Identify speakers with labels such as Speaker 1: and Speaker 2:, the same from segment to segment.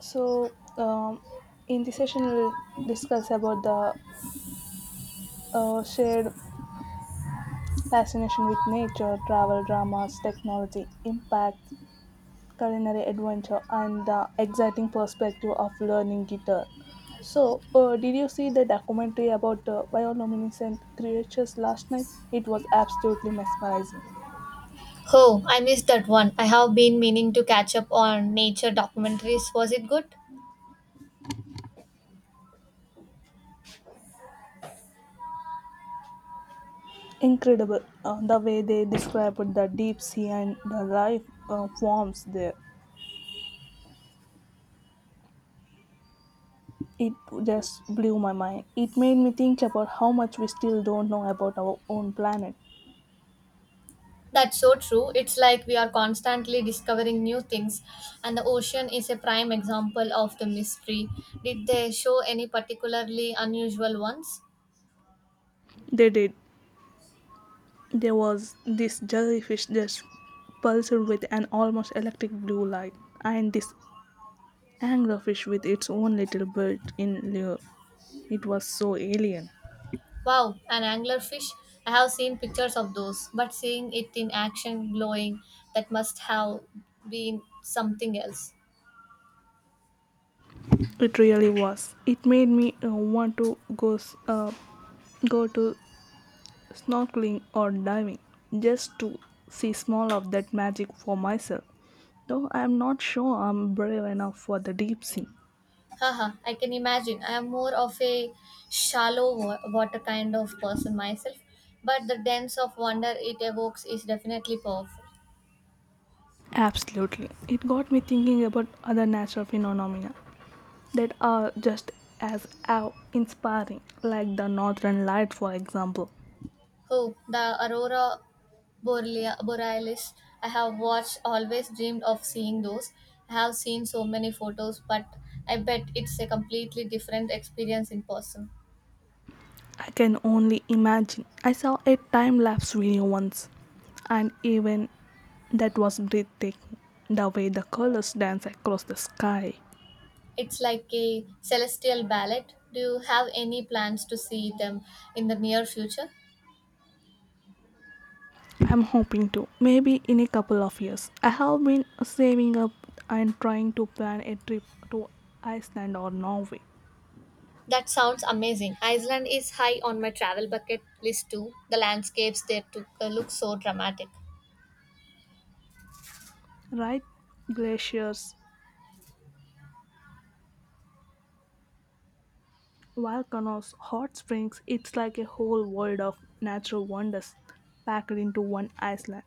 Speaker 1: So, um, in this session, we'll discuss about the shared fascination with nature, travel, dramas, technology, impact, culinary adventure, and the exciting perspective of learning guitar. Did you see the documentary about bioluminescent creatures last night? It was absolutely mesmerizing.
Speaker 2: Oh, I missed that one. I have been meaning to catch up on nature documentaries. Was it good?
Speaker 1: Incredible, the way they described the deep sea and the life forms there. It just blew my mind. It made me think about how much we still don't know about our own planet.
Speaker 2: That's so true. It's like we are constantly discovering new things, and the ocean is a prime example of the mystery. Did they show any particularly unusual ones?
Speaker 1: They did. There was this jellyfish that pulsed with an almost electric blue light, and this anglerfish with its own little built in lure. It was so alien.
Speaker 2: Wow, an anglerfish. I have seen pictures of those, but seeing it in action glowing, that must have been something else.
Speaker 1: It really was. It made me want to go to snorkeling, or diving just to see small of that magic for myself. Though I am not sure I'm brave enough for the deep sea.
Speaker 2: Haha, I can imagine. I am more of a shallow water kind of person myself, but the depths of wonder it evokes is definitely powerful.
Speaker 1: Absolutely. It got me thinking about other natural phenomena that are just as awe inspiring, like the Northern Light, for example.
Speaker 2: Oh, the aurora borealis. I have watched, always dreamed of seeing those. I have seen so many photos, but I bet it's a completely different experience in person.
Speaker 1: I can only imagine. I saw a time lapse video once, and even that was breathtaking, the way the colors dance across the sky.
Speaker 2: It's like a celestial ballet. Do you have any plans to see them in the near future?
Speaker 1: I'm hoping to. Maybe in a couple of years. I have been saving up and trying to plan a trip to Iceland or Norway.
Speaker 2: That sounds amazing. Iceland is high on my travel bucket list too. The landscapes there look so dramatic.
Speaker 1: Right? Glaciers, volcanoes, hot springs. It's like a whole world of natural wonders packed into one Iceland.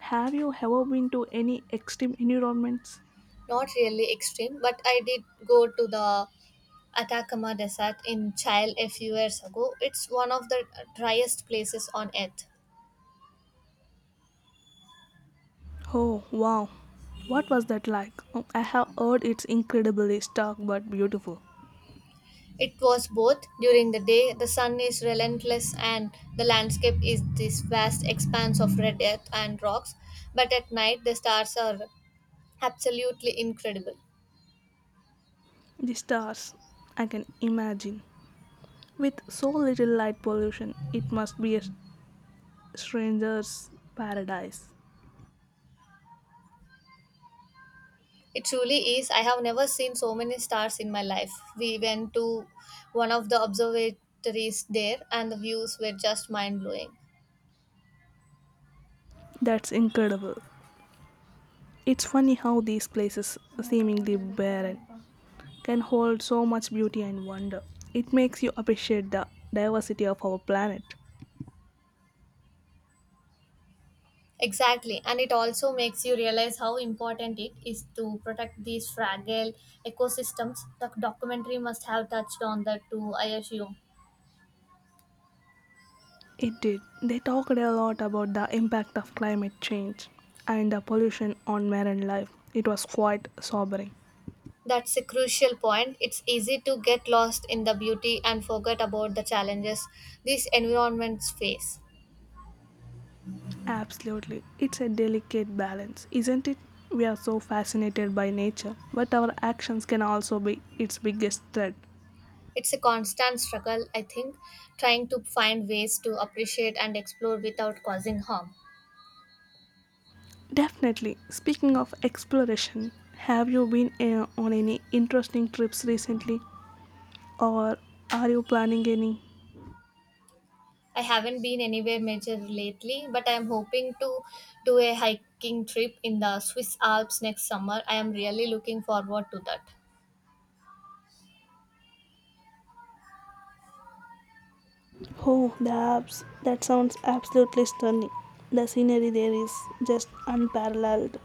Speaker 1: Have you ever been to any extreme environments?
Speaker 2: Not really extreme, but I did go to the Atacama Desert in Chile a few years ago. It's one of the driest places on earth.
Speaker 1: Oh, wow. What was that like? Oh, I have heard it's incredibly stark but beautiful.
Speaker 2: It was both during the day, the sun is relentless, and the landscape is this vast expanse of red earth and rocks, but at night, the stars are absolutely incredible.
Speaker 1: The stars, I can imagine. With so little light pollution, it must be a stranger's paradise.
Speaker 2: It truly is. I have never seen so many stars in my life. We went to one of the observatories there, and the views were just mind blowing.
Speaker 1: That's incredible. It's funny how these places, seemingly barren, can hold so much beauty and wonder. It makes you appreciate the diversity of our planet.
Speaker 2: Exactly, and it also makes you realize how important it is to protect these fragile ecosystems. The documentary must have touched on that too, I assume.
Speaker 1: It did. They talked a lot about the impact of climate change and the pollution on marine life. It was quite sobering.
Speaker 2: That's a crucial point. It's easy to get lost in the beauty and forget about the challenges these environments face.
Speaker 1: Absolutely. It's a delicate balance, isn't it? We are so fascinated by nature, but our actions can also be its biggest threat.
Speaker 2: It's a constant struggle, I think, trying to find ways to appreciate and explore without causing harm.
Speaker 1: Definitely. Speaking of exploration, have you been on any interesting trips recently, or are you planning any?
Speaker 2: I haven't been anywhere major lately, but I am hoping to do a hiking trip in the Swiss Alps next summer. I am really looking forward to that.
Speaker 1: Oh, the Alps. That sounds absolutely stunning. The scenery there is just unparalleled.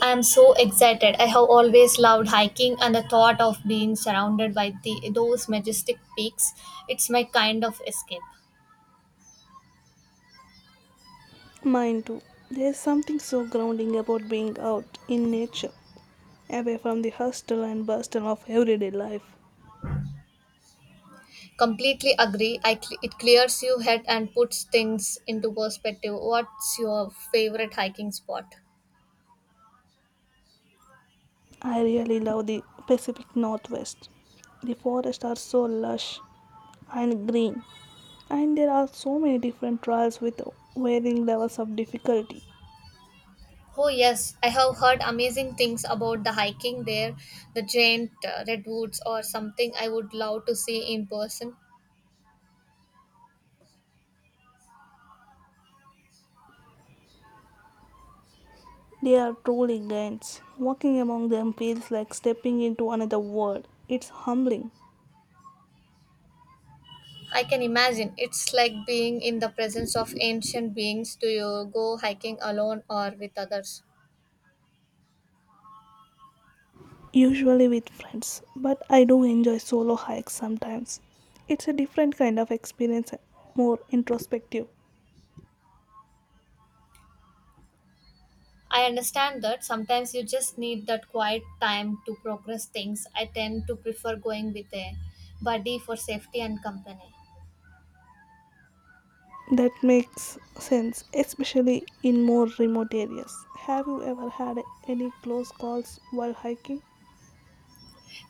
Speaker 2: I am so excited. I have always loved hiking and the thought of being surrounded by those majestic peaks. It's my kind of escape.
Speaker 1: Mine too. There's something so grounding about being out in nature, away from the hustle and bustle of everyday life.
Speaker 2: Completely agree. It clears your head and puts things into perspective. What's your favorite hiking spot?
Speaker 1: I really love the Pacific Northwest. The forests are so lush and green, and there are so many different trails with varying levels of difficulty.
Speaker 2: Oh yes, I have heard amazing things about the hiking there, the giant redwoods or something I would love to see in person.
Speaker 1: They are truly giants. Walking among them feels like stepping into another world. It's humbling,
Speaker 2: I can imagine it's like being in the presence of ancient beings. Do you go hiking alone or with others?
Speaker 1: usually with friends, but I do enjoy solo hikes sometimes. It's a different kind of experience, more introspective.
Speaker 2: I understand that sometimes you just need that quiet time to progress things. I tend to prefer going with a buddy for safety and company.
Speaker 1: That makes sense, especially in more remote areas. Have you ever had any close calls while hiking?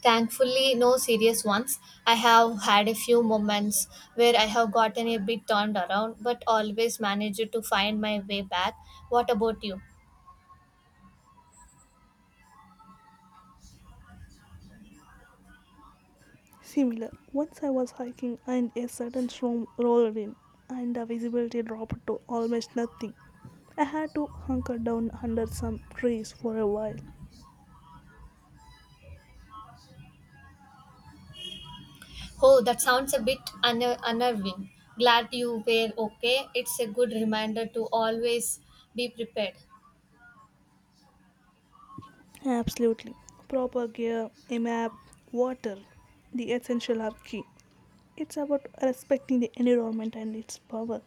Speaker 2: Thankfully, no serious ones. I have had a few moments where I have gotten a bit turned around, but always managed to find my way back. What about you?
Speaker 1: Similar. Once I was hiking and a sudden storm rolled in, and the visibility dropped to almost nothing. I had to hunker down under some trees for a while.
Speaker 2: Oh, that sounds a bit unnerving. Glad you were okay. It's a good reminder to always be prepared.
Speaker 1: Absolutely. Proper gear, a map, water, the essential are key. It's about respecting the environment and its power.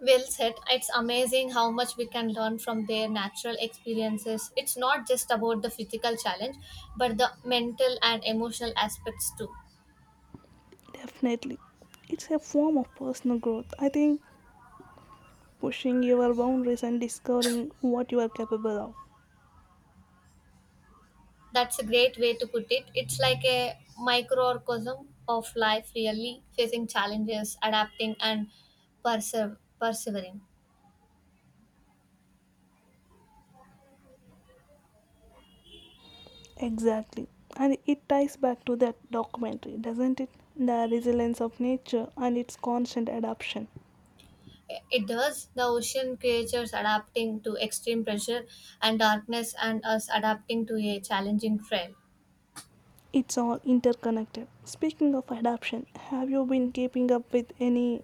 Speaker 2: Well said. It's amazing how much we can learn from their natural experiences. It's not just about the physical challenge, but the mental and emotional aspects too.
Speaker 1: Definitely. It's a form of personal growth. I think pushing your boundaries and discovering what you are capable of.
Speaker 2: That's a great way to put it. It's like a microcosm of life, really facing challenges, adapting, and persevering.
Speaker 1: Exactly. And it ties back to that documentary, doesn't it? The resilience of nature and its constant adaptation.
Speaker 2: It does. The ocean creatures adapting to extreme pressure and darkness, and us adapting to a challenging trail.
Speaker 1: It's all interconnected. Speaking of adaptation, have you been keeping up with any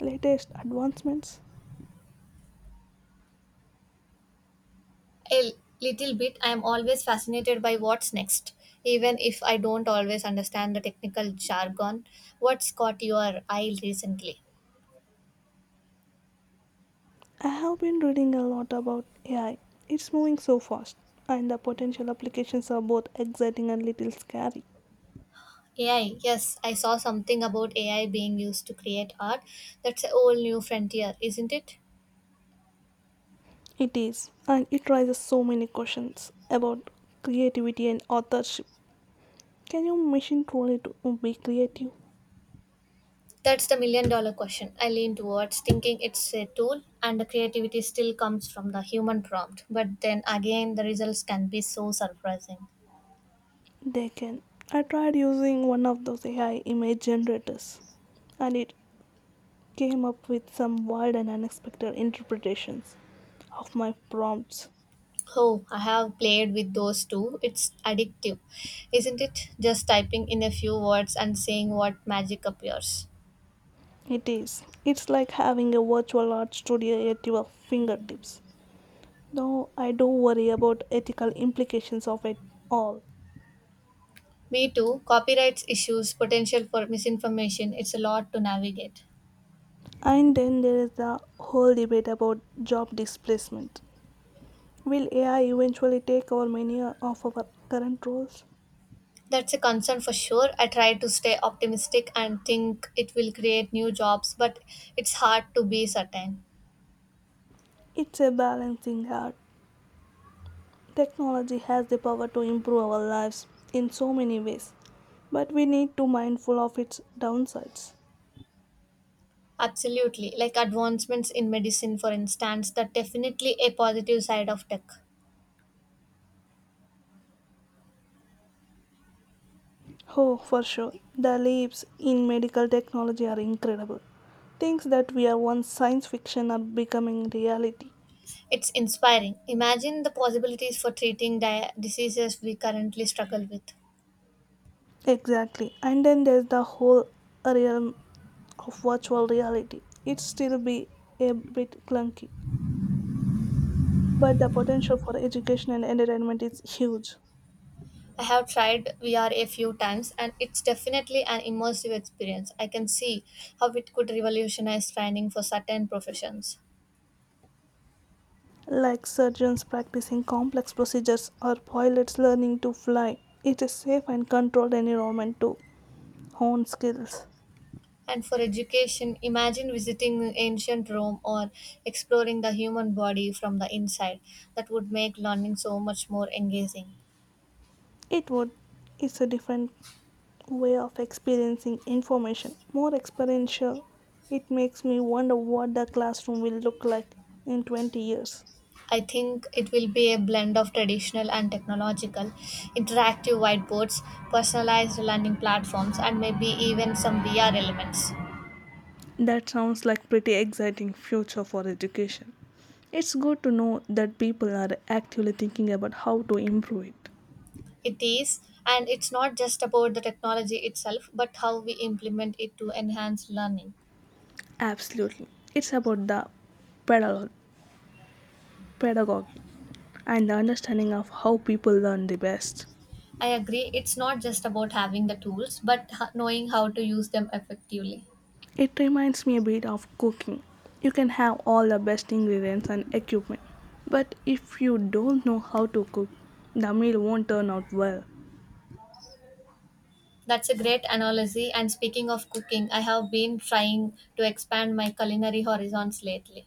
Speaker 1: latest advancements?
Speaker 2: A little bit. I am always fascinated by what's next, even if I don't always understand the technical jargon. What's caught your eye recently?
Speaker 1: I have been reading a lot about AI. It's moving so fast, and the potential applications are both exciting and little scary.
Speaker 2: AI. Yes, I saw something about AI being used to create art. That's a whole new frontier, isn't it?
Speaker 1: It is, and it raises so many questions about creativity and authorship. Can your machine be creative?
Speaker 2: That's the million dollar question. I lean towards thinking it's a tool and the creativity still comes from the human prompt. But then again, the results can be so surprising.
Speaker 1: They can. I tried using one of those AI image generators, and it came up with some wild and unexpected interpretations of my prompts.
Speaker 2: Oh, I have played with those too. It's addictive, isn't it? Just typing in a few words and seeing what magic appears.
Speaker 1: It is. It's like having a virtual art studio at your fingertips. Though I do worry about ethical implications of it all.
Speaker 2: Me too. Copyrights issues, potential for misinformation, it's a lot to navigate.
Speaker 1: And then there is the whole debate about job displacement. Will AI eventually take over many of our current roles?
Speaker 2: That's a concern for sure. I try to stay optimistic and think it will create new jobs, but it's hard to be certain.
Speaker 1: It's a balancing act. Technology has the power to improve our lives in so many ways, but we need to mindful of its downsides.
Speaker 2: Absolutely. Like advancements in medicine, for instance, that definitely a positive side of tech.
Speaker 1: Oh, for sure, the leaps in medical technology are incredible. Things that were once science fiction are becoming reality.
Speaker 2: It's inspiring. Imagine the possibilities for treating diseases we currently struggle with.
Speaker 1: Exactly. And then there's the whole realm of virtual reality. It still be a bit clunky, but the potential for education and entertainment is huge.
Speaker 2: I have tried VR a few times and it's definitely an immersive experience. I can see how it could revolutionize training for certain professions.
Speaker 1: Like surgeons practicing complex procedures or pilots learning to fly, it is safe and controlled environment to hone skills.
Speaker 2: And for education, imagine visiting ancient Rome or exploring the human body from the inside. That would make learning so much more engaging.
Speaker 1: It would, it's a different way of experiencing information, more experiential. It makes me wonder what the classroom will look like in 20 years.
Speaker 2: I think it will be a blend of traditional and technological, interactive whiteboards, personalized learning platforms, and maybe even some VR elements.
Speaker 1: That sounds like pretty exciting future for education. It's good to know that people are actively thinking about how to improve it.
Speaker 2: It is, and it's not just about the technology itself, but how we implement it to enhance learning.
Speaker 1: Absolutely. It's about the pedagog- pedagogy and the understanding of how people learn the best.
Speaker 2: I agree, it's not just about having the tools, but knowing how to use them effectively.
Speaker 1: It reminds me a bit of cooking. You can have all the best ingredients and equipment, but if you don't know how to cook, the meal won't turn out well.
Speaker 2: That's a great analogy. And speaking of cooking, I have been trying to expand my culinary horizons lately.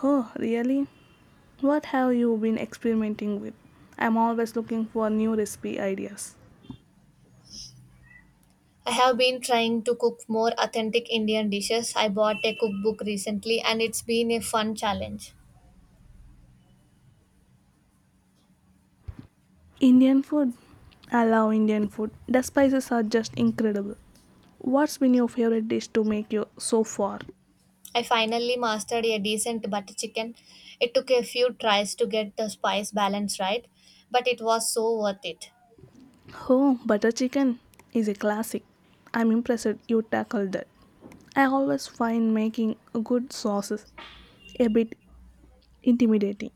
Speaker 1: Oh, really? What have you been experimenting with? I'm always looking for new recipe ideas.
Speaker 2: I have been trying to cook more authentic Indian dishes. I bought a cookbook recently and it's been a fun challenge.
Speaker 1: Indian food? I love Indian food. The spices are just incredible. What's been your favorite dish to make you so far?
Speaker 2: I finally mastered a decent butter chicken. It took a few tries to get the spice balance right, but it was so worth it.
Speaker 1: Oh, butter chicken is a classic. I'm impressed you tackled that. I always find making good sauces a bit intimidating.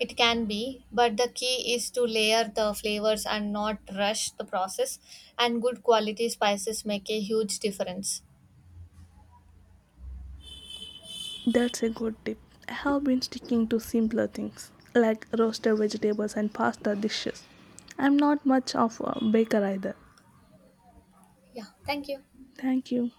Speaker 2: It can be, but the key is to layer the flavors and not rush the process, and good quality spices make a huge difference.
Speaker 1: That's a good tip. I have been sticking to simpler things like roasted vegetables and pasta dishes. I'm not much of a baker either.
Speaker 2: Yeah, thank you.
Speaker 1: Thank you.